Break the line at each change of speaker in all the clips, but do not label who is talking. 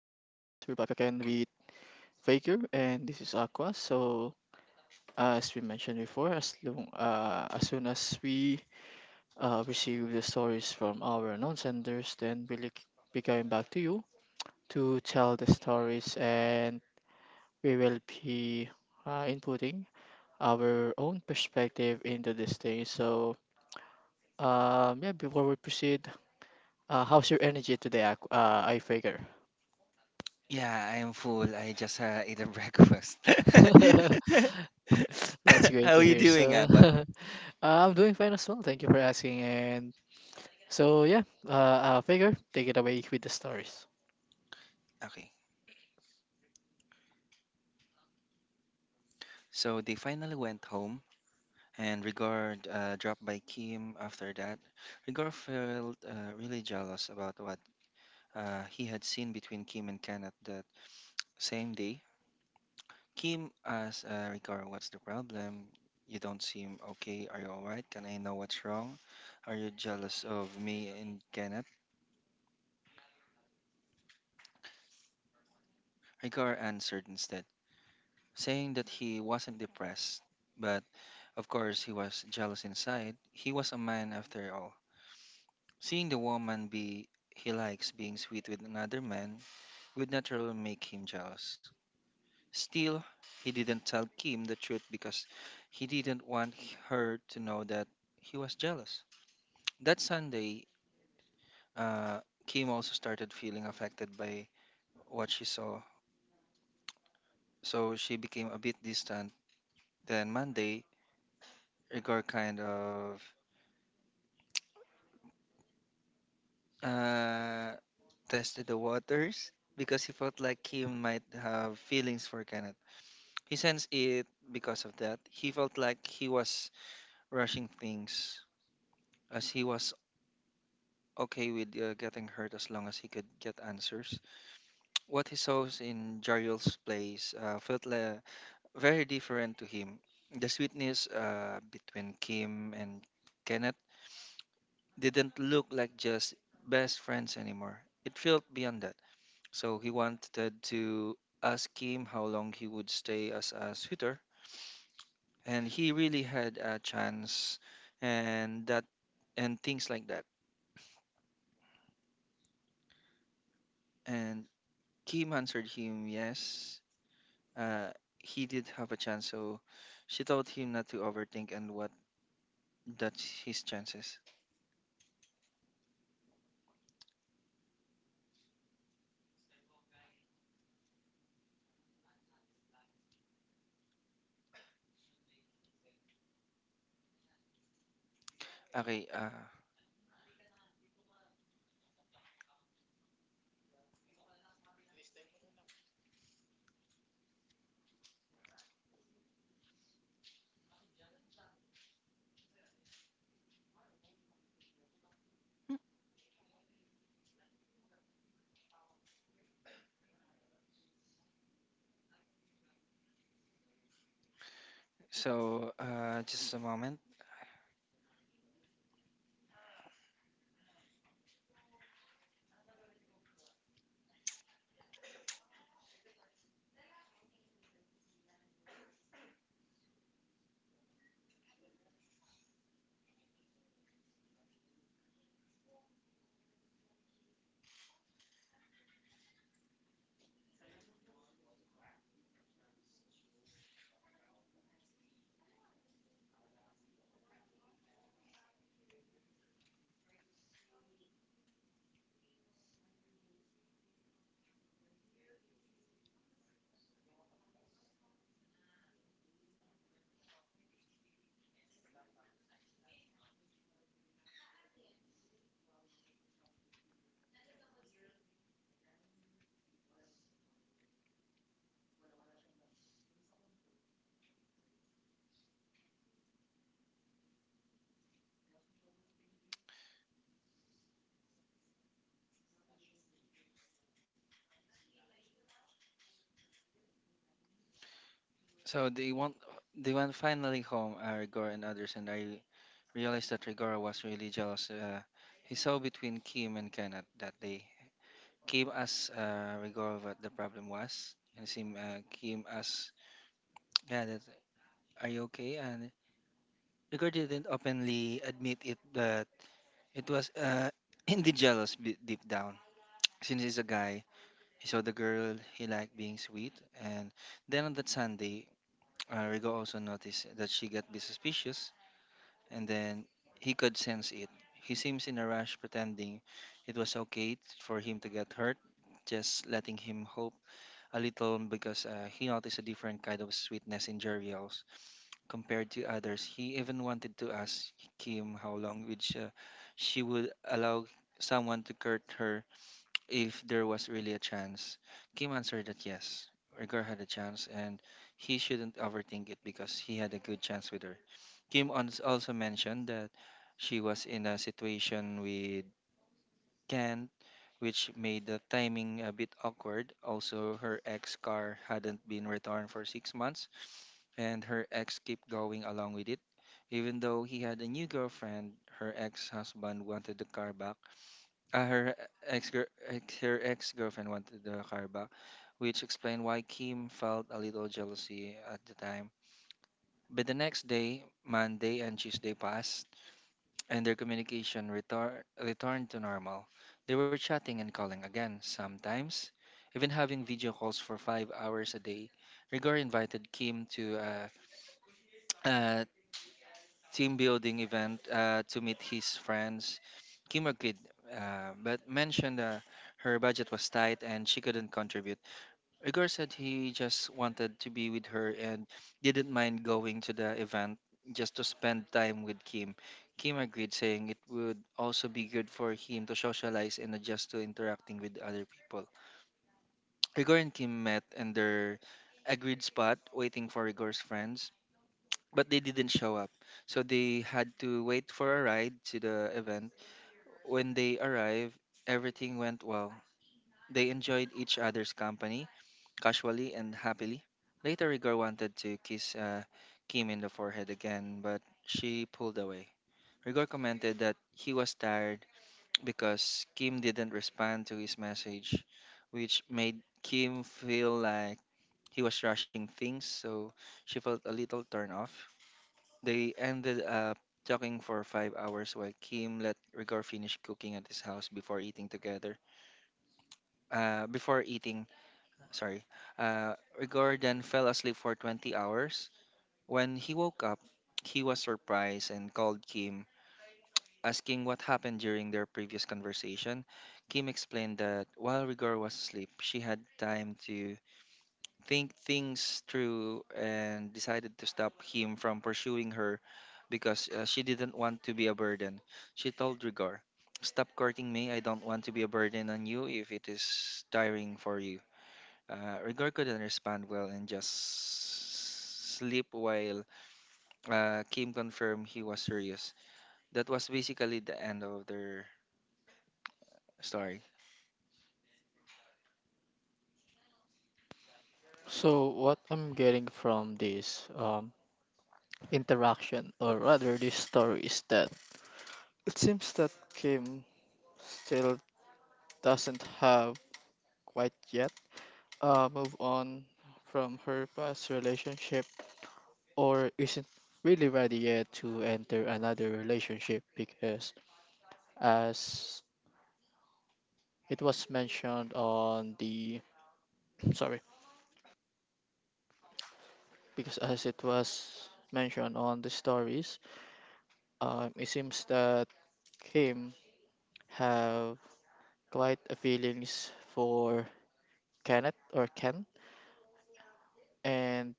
We're back again with Faker, and this is Aqua. So, as we mentioned before, as soon as we receive the stories from our non senders, then we'll be going back to you to tell the stories, and we will be inputting our own perspective into this thing. So, yeah, before we proceed, how's your energy today, Aqu- I Faker?
Yeah, I am full. I just ate a breakfast.
That's great
How are
to
you
hear.
doing,
So,
Aqua?
I'm doing fine as well. Thank you for asking. And so, yeah, figure, take it away with the stories.
Okay. So they finally went home, and Rigor dropped by Kim after that. Rigor felt really jealous about what he had seen between Kim and Kenneth that same day. Kim asked Rigor, "What's the problem? You don't seem okay. Are you alright? Can I know what's wrong? Are you jealous of me and Kenneth?" Rigor answered instead, saying that he wasn't depressed, but of course he was jealous inside. He was a man after all. Seeing the woman be he likes being sweet with another man would naturally make him jealous. Still, he didn't tell Kim the truth because he didn't want her to know that he was jealous. That Sunday, uh, Kim also started feeling affected by what she saw, so she became a bit distant. Then Monday, Igor kind of uh, tested the waters because he felt like he might have feelings for Kenneth. He sensed it because of that. He felt like he was rushing things, as he was okay with getting hurt as long as he could get answers. What he saw in Jariel's place felt le very different to him. The sweetness between Kim and Kenneth didn't look like just best friends anymore. It felt beyond that. So he wanted to ask him how long he would stay as a suitor, and he really had a chance, and that, and things like that. And Kim answered him yes, uh, he did have a chance. So she told him not to overthink and what that's his chances. Okay, so just a moment. So they went finally home, Rigor and others, and I realized that Rigor was really jealous. He saw between Kim and Kenneth that day. Kim asked Rigor what the problem was, and Kim asked, "Yeah, that, are you okay?" And Rigor didn't openly admit it, but it was indeed jealous deep down. Since he's a guy, he saw the girl he liked being sweet, and then on that Sunday, Rigor also noticed that she got a bit suspicious and then he could sense it. He seems in a rush, pretending it was okay for him to get hurt, just letting him hope a little because he noticed a different kind of sweetness in Jeriel's compared to others. He even wanted to ask Kim how long which she would allow someone to hurt her if there was really a chance. Kim answered that yes, Rigor had a chance and he shouldn't overthink it because he had a good chance with her. Kim also mentioned that she was in a situation with Kent, which made the timing a bit awkward. Also, her ex car hadn't been returned for 6 months and her ex kept going along with it. Even though he had a new girlfriend, her ex husband wanted the car back, her ex ex her ex-girlfriend wanted the car back, which explained why Kim felt a little jealousy at the time. But the next day, Monday and Tuesday passed, and their communication retor returned to normal. They were chatting and calling again, sometimes even having video calls for 5 hours a day. Rigor invited Kim to a team building event to meet his friends. Kim agreed, but mentioned her budget was tight and she couldn't contribute. Igor said he just wanted to be with her and didn't mind going to the event just to spend time with Kim. Kim agreed, saying it would also be good for him to socialize and adjust to interacting with other people. Igor and Kim met in their agreed spot, waiting for Igor's friends, but they didn't show up. So they had to wait for a ride to the event. When they arrived, everything went well. They enjoyed each other's company, casually and happily. Later, Rigor wanted to kiss Kim in the forehead again, but she pulled away. Rigor commented that he was tired because Kim didn't respond to his message, which made Kim feel like he was rushing things, so she felt a little turned off. They ended up talking for 5 hours while Kim let Rigor finish cooking at his house before eating together. Before eating, sorry. Rigor then fell asleep for 20 hours. When he woke up, he was surprised and called Kim, asking what happened during their previous conversation. Kim explained that while Rigor was asleep, she had time to think things through and decided to stop him from pursuing her because she didn't want to be a burden. She told Rigor, "Stop courting me. I don't want to be a burden on you if it is tiring for you." Rigor couldn't respond well and just sleep while Kim confirmed he was serious. That was basically the end of their story.
So, what I'm getting from this interaction, or rather, this story, is that it seems that Kim still doesn't have quite yet move on from her past relationship, or isn't really ready yet to enter another relationship because, as it was mentioned on the, sorry, because as it was mentioned on the stories, it seems that Kim have quite a feelings for Kenneth or Ken, and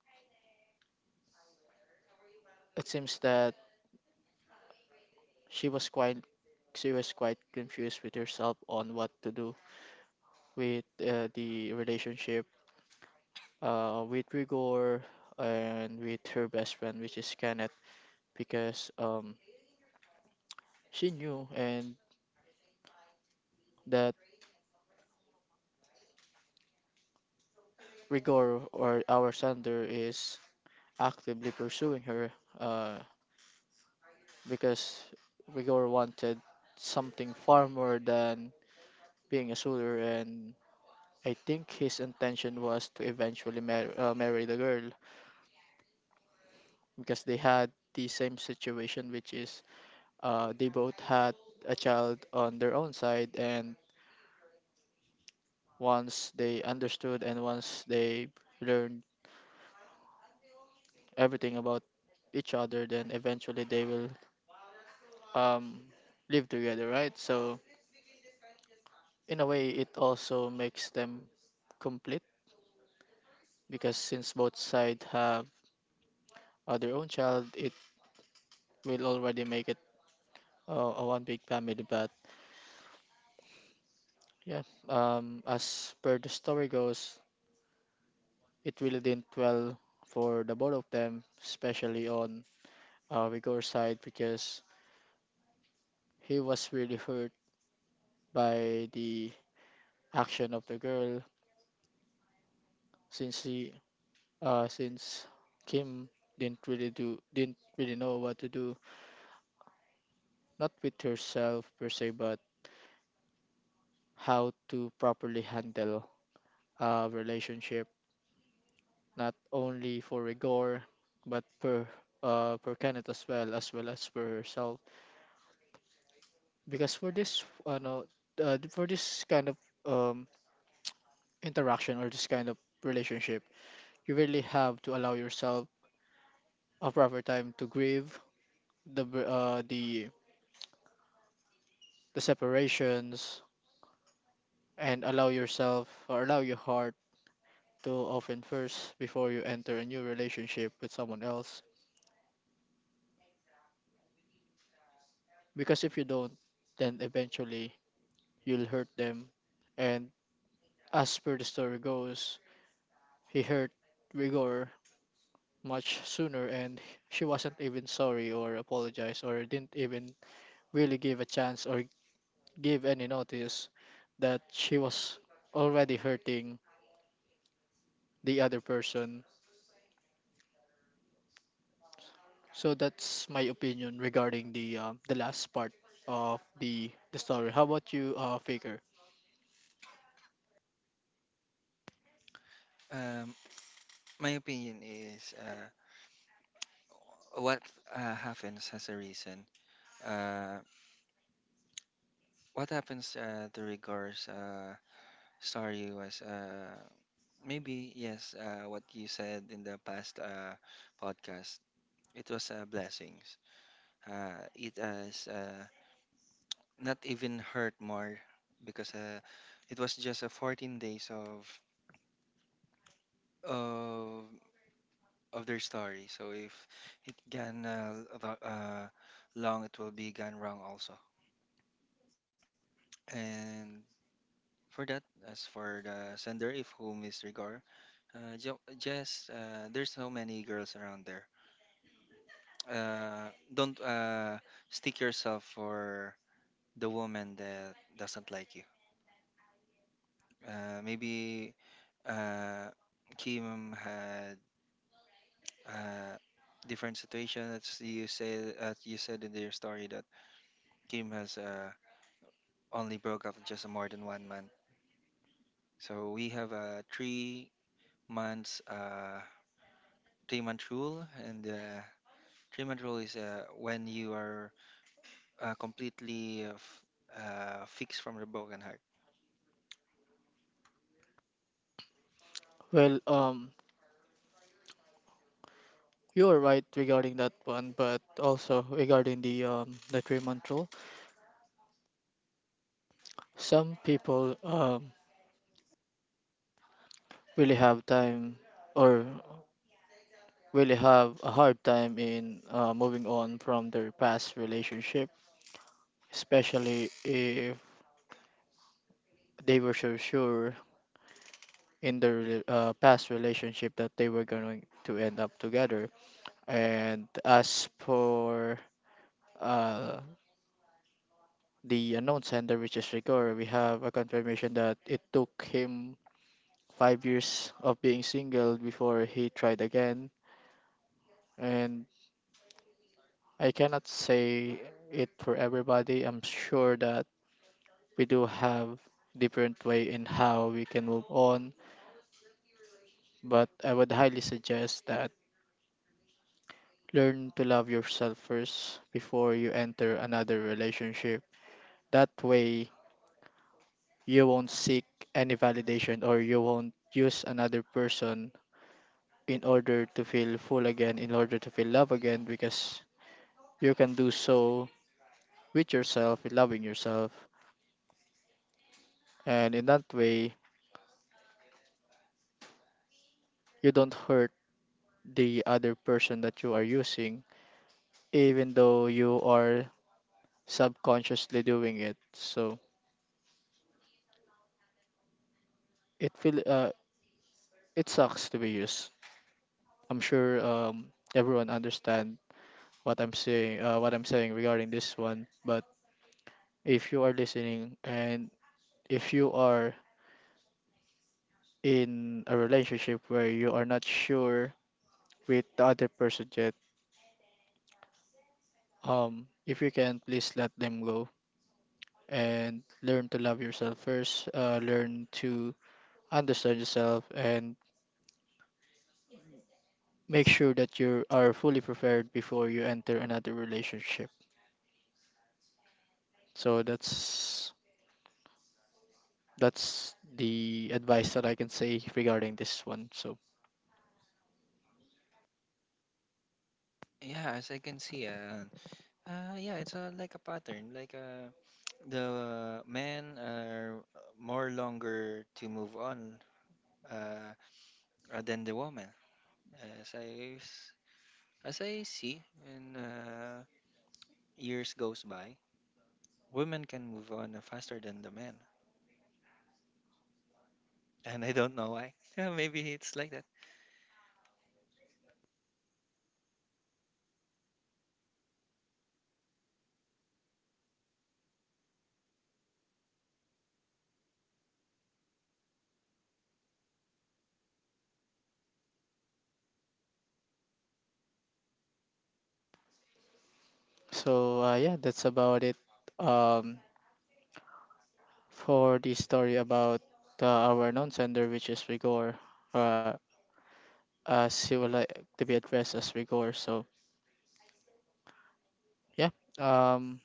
it seems that she was quite she was quite confused with herself on what to do with the relationship with Rigor and with her best friend, which is Kenneth, because she knew and that Rigor or our Sander is actively pursuing her uh, because Rigor wanted something far more than being a suitor, and I think his intention was to eventually marry the girl because they had the same situation, which is they both had a child on their own side, and once they understood and once they learned everything about each other, then eventually they will um, live together, right? So in a way it also makes them complete because since both sides have their own child, it will already make it a one big family. But yeah, as per the story goes, it really didn't well for the both of them, especially on Rigor's side, because he was really hurt by the action of the girl since he since Kim didn't really know what to do, not with herself per se, but how to properly handle a relationship, not only for Rigor, but per Kenneth as well, as well as for herself. Because for this, no, for this kind of um, interaction or this kind of relationship, you really have to allow yourself a proper time to grieve the br- the separations and allow yourself, or allow your heart to open first before you enter a new relationship with someone else. Because if you don't, then eventually you'll hurt them. And as per the story goes, he hurt Rigor much sooner, and she wasn't even sorry or apologized or didn't even really give a chance or give any notice that she was already hurting the other person. So that's my opinion regarding the last part of the story. How about you, Faker?
Um, my opinion is what happens has a reason. Uh, What happens to regards story was maybe yes, what you said in the past podcast. It was blessings. It has not even hurt more because it was just a 14 days of of their story. So if it gone long, it will be gone wrong also. And for that, as for the sender, if whom is regard. Jess, there's so many girls around there. Don't stick yourself for the woman that doesn't like you. Maybe uh, Kim had a different situation. That's you say, you said in your story that Kim has only broke up just more than one month. So we have a 3 months, three-month rule, and three-month rule is when you are completely fixed from the broken heart.
Well, you're right regarding that one, but also regarding the 3-month rule. Some people, really have time or really have a hard time in moving on from their past relationship, especially if they were so sure in their past relationship that they were going to end up together. And as for uh, the unknown sender, which is Rigor, we have a confirmation that it took him 5 years of being single before he tried again. And I cannot say it for everybody. I'm sure that we do have different way in how we can move on, but I would highly suggest that learn to love yourself first before you enter another relationship. That way, you won't seek any validation, or you won't use another person in order to feel full again, in order to feel love again, because you can do so with yourself, with loving yourself. And in that way, you don't hurt the other person that you are using, even though you are subconsciously doing it. So it feel uh, it sucks to be used. I'm sure, everyone understand what I'm saying regarding this one. But if you are listening, and if you are in a relationship where you are not sure with the other person yet, if you can please let them go and learn to love yourself first, learn to understand yourself, and make sure that you are fully prepared before you enter another relationship. So that's the advice that I can say regarding this one. So
Yeah, as I can see, yeah, it's like a pattern. Like the men are more longer to move on uh, than the woman. As I s- as I see, when years goes by, women can move on faster than the men, and I don't know why. Yeah, maybe it's like that.
yeah, that's about it. Um, for the story about our non-sender, which is Rigor, uh, as he would like to be addressed as Rigor. So yeah, um.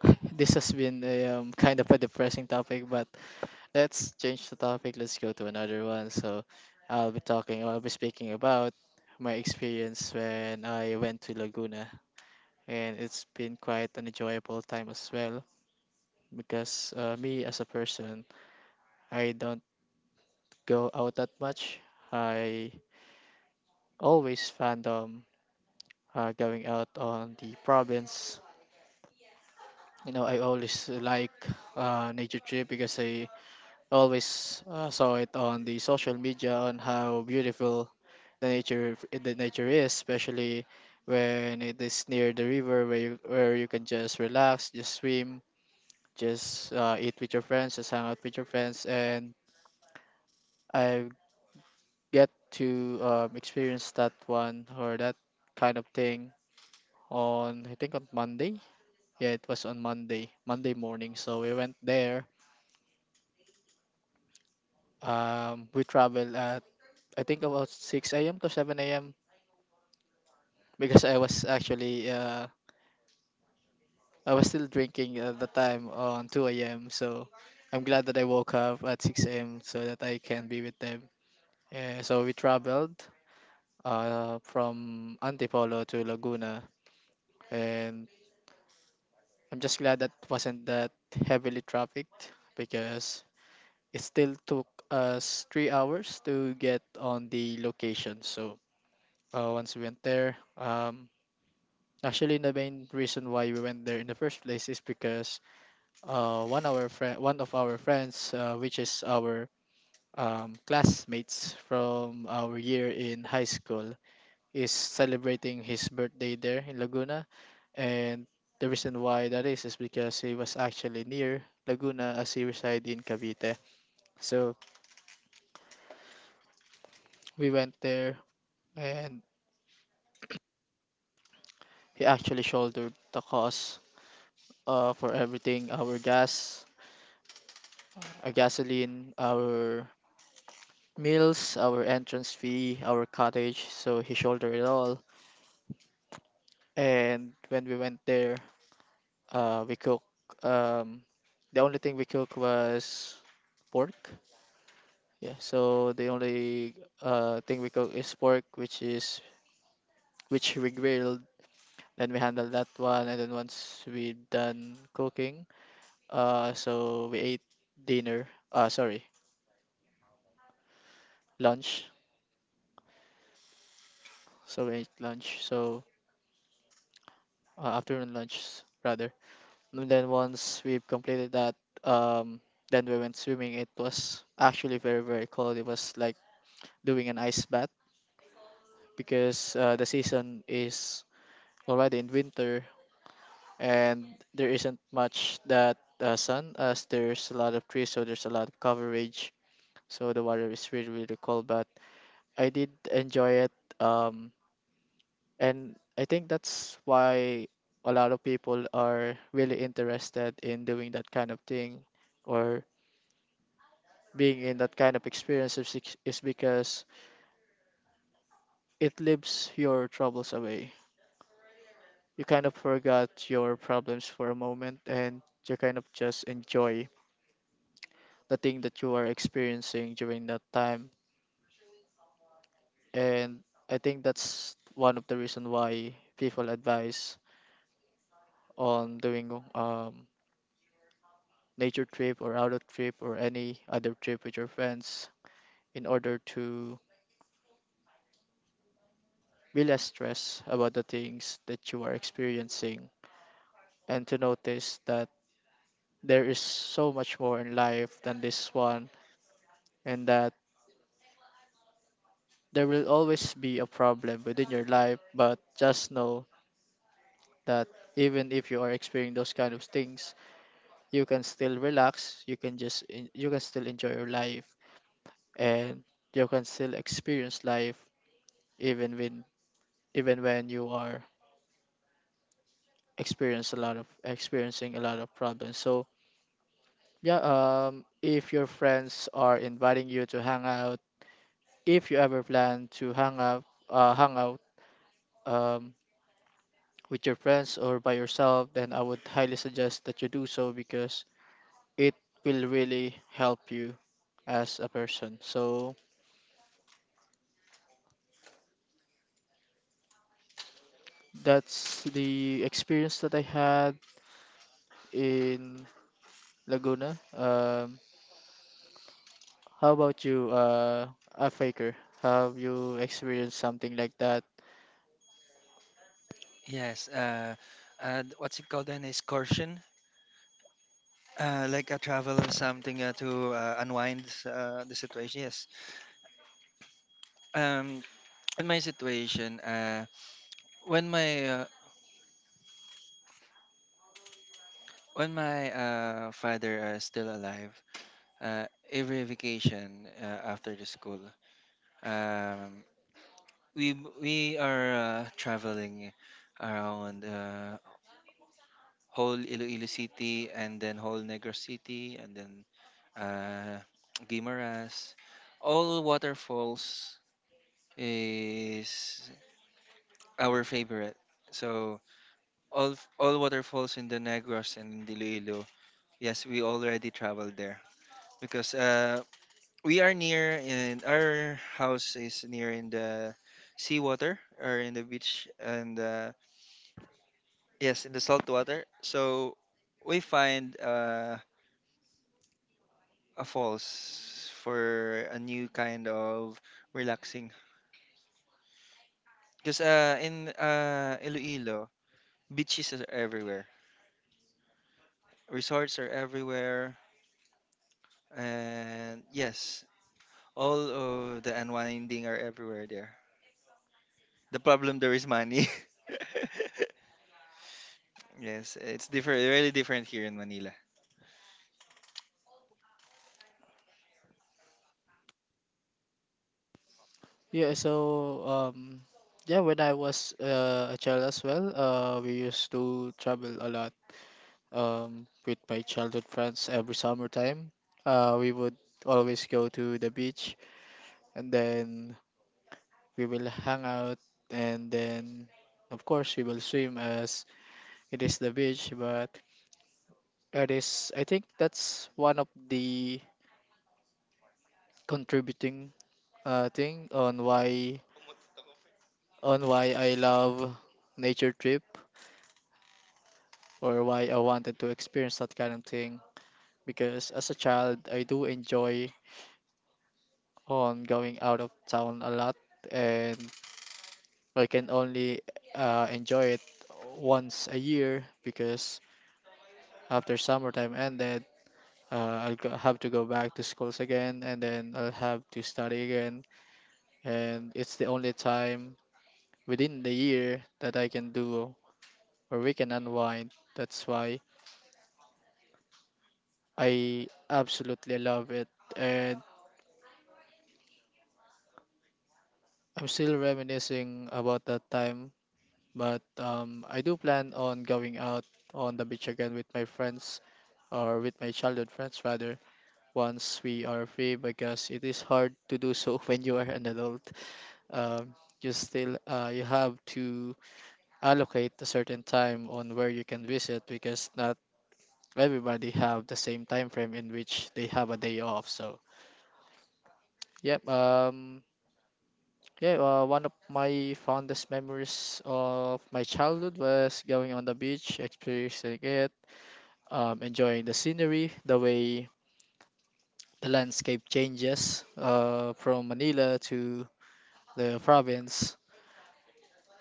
This has been a kind of a depressing topic, but let's change the topic. Let's go to another one. So, I'll be speaking about my experience when I went to Laguna, and it's been quite an enjoyable time as well because me as a person, I don't go out that much. I always fandom going out on the province. You know, I always like nature trip because I always saw it on the social media on how beautiful the nature is, especially when it is near the river where you can just relax, just swim, just eat with your friends, just hang out with your friends, and I get to experience that one or that kind of thing on, I think on Monday. Yeah, it was on Monday, Monday morning. So we went there. We traveled at, I think, about 6 a.m. to 7 a.m. because I was still drinking at the time on 2 a.m. So I'm glad that I woke up at 6 a.m. so that I can be with them. So we traveled from Antipolo to Laguna, and I'm just glad that wasn't that heavily trafficked because it still took us 3 hours to get on the location. So once we went there, actually the main reason why we went there in the first place is because one of our friends, which is our classmates from our year in high school, is celebrating his birthday there in Laguna, and the reason why that is because he was actually near Laguna as he resided in Cavite. So we went there, and he actually shouldered the cost for everything: our gasoline, our meals, our entrance fee, our cottage. So he shouldered it all. And when we went there, we cook. Um, the only thing we cook was pork. Yeah, so the only thing we cook is pork, which we grilled. Then we handled that one, and then once we done cooking, so we ate dinner. Sorry, lunch. So we ate lunch. So afternoon lunch rather. And then once we've completed that, um, then we went swimming. It was actually very, very cold. It was like doing an ice bath because the season is already in winter, and there isn't much that sun as there's a lot of trees, so there's a lot of coverage. So the water is really, really cold, but I did enjoy it. Um, and I think that's why a lot of people are really interested in doing that kind of thing, or being in that kind of experience is, is because it lifts your troubles away. You kind of forgot your problems for a moment, and you kind of just enjoy the thing that you are experiencing during that time. And I think that's one of the reason why people advise on doing nature trip or out trip or any other trip with your friends in order to be less stressed about the things that you are experiencing, and to notice that there is so much more in life than this one, and that there will always be a problem within your life. But just know that even if you are experiencing those kind of things, you can still relax. You can just you can still enjoy your life, and you can still experience life even when even when you are experience a lot of experiencing a lot of problems. So yeah, if your friends are inviting you to hang out, if you ever plan to hang out, uh, hang out um, with your friends or by yourself, then I would highly suggest that you do so because it will really help you as a person. So that's the experience that I had in Laguna. How about you, a Faker? Have you experienced something like that?
Yes. What's it called then? Is like a travel or something to unwind the situation. Yes. Um, in my situation, when my uh, when my father is still alive, uh, every vacation after the school, um, we b- we are traveling around whole Iloilo City and then whole Negros City and then uh, Guimaras. All waterfalls is our favorite. So all waterfalls in the Negros and in Iloilo. Yes, we already traveled there because we are near and our house is near in the seawater or in the beach and yes, in the salt water. So we find a falls for a new kind of relaxing because in Iloilo, beaches are everywhere, resorts are everywhere. And yes, all of the unwinding are everywhere there. The problem there is money. yes, it's different, really different here in Manila.
Yeah, so yeah, when I was a child as well, we used to travel a lot with my childhood friends every summertime. We would always go to the beach, and then we will hang out, and then of course we will swim as it is the beach. But it is I think that's one of the contributing thing on why I love nature trip, or why I wanted to experience that kind of thing because as a child I do enjoy on going out of town a lot, and I can only enjoy it once a year because after summertime ended, have to go back to schools again, and then I'll have to study again. And it's the only time within the year that I can do, or we can unwind. That's why I absolutely love it. And I'm still reminiscing about that time. But I do plan on going out on the beach again with my friends, or with my childhood friends rather, once we are free because it is hard to do so when you are an adult. Um, you still you have to allocate a certain time on where you can visit because not everybody have the same time frame in which they have a day off. So yep. Yeah, one of my fondest memories of my childhood was going on the beach, experiencing it, enjoying the scenery, the way the landscape changes from Manila to the province,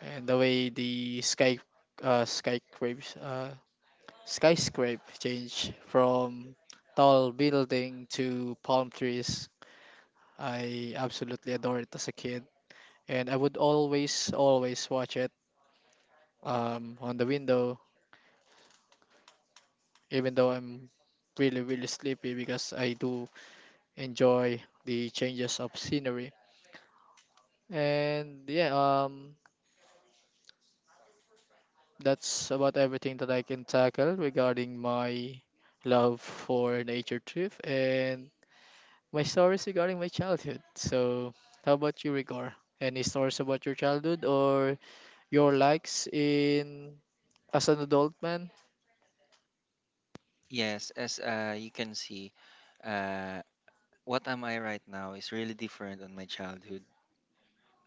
and the way the sky uh, skyscrapes uh, skyscrape change from tall building to palm trees. I absolutely adore it as a kid, and I would always watch it on the window, even though I'm really really sleepy because I do enjoy the changes of scenery. And yeah, that's about everything that I can tackle regarding my love for nature trip and my stories regarding my childhood. So, how about you, Rigor? Any stories about your childhood or your likes in as an adult man?
Yes, as you can see, uh, what am I right now is really different on my childhood.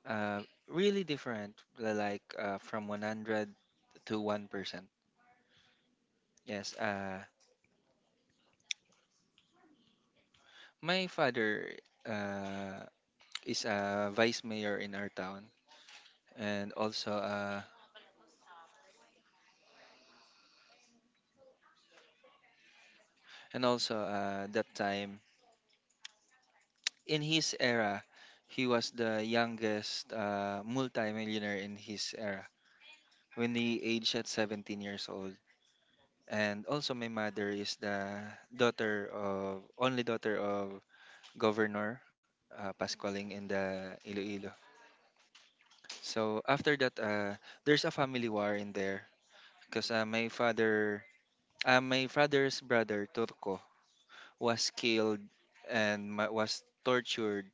Uh, really different, from 100 to 1%. Yes, my father uh, is a vice mayor in our town, and also that time in his era, he was the youngest multi-millionaire in his era when he aged at 17 years old. And also, my mother is the daughter of only daughter of Governor Pascualing in the Iloilo. So after that, there's a family war in there because my father's brother Turco was killed and was tortured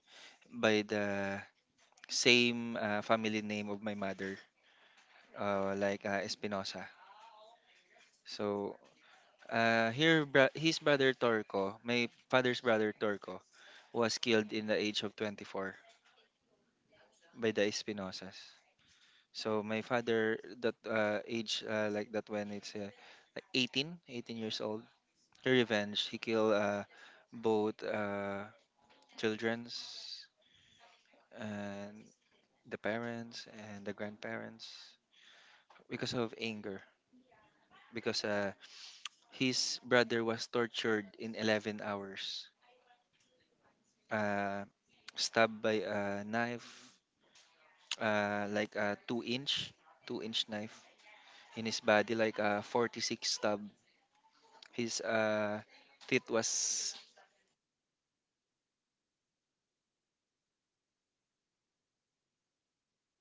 by the same family name of my mother, Espinosa. So his brother Torco, my father's brother Torco, was killed in the age of 24 by the Espinosas. So my father, that age like that when it's like 18 years old, he revenge. He killed both childrens and the parents and the grandparents because of anger because his brother was tortured in 11 hours, uh, stabbed by a knife, like a 2-inch knife in his body, like a 46 stab. His uh, teeth was, uh, was, uh, if you can see the picture, it-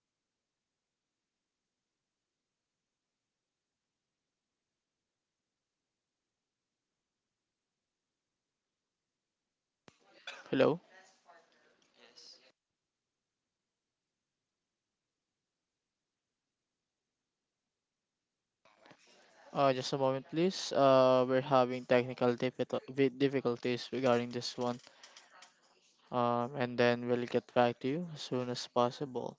hello? Hello?
Hello.
Yes? Yes, I can hear you. Just a moment.
Just a moment, please. We're having technical difficulties regarding this one. And then we'll get back to you as soon as possible.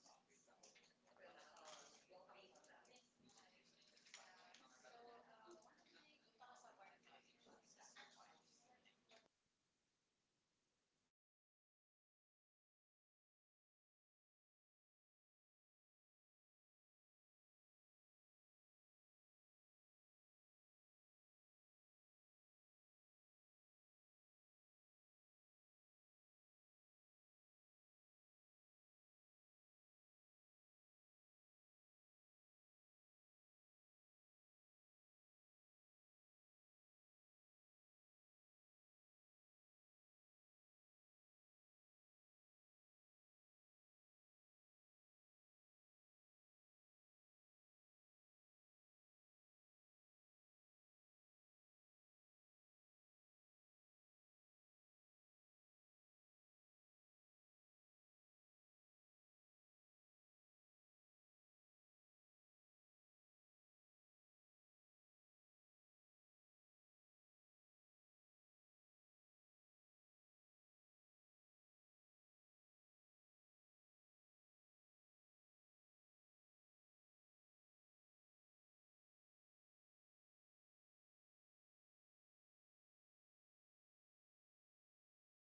Hello. Can you speak? Hello. Can you speak?
Hello, I can't hear you, Aqua. You can hear me?
No, sorry, I cannot hear you. Sorry, listeners, we're having some technical difficulties regarding this one. So, what we're going to do right now is we're going to stop the recording first, and then once we resolve the technical difficulties, we'll get back to you and continue the stories. Okay, thank you so much, and we'll get back to you. One moment, please.
Hello? Ah,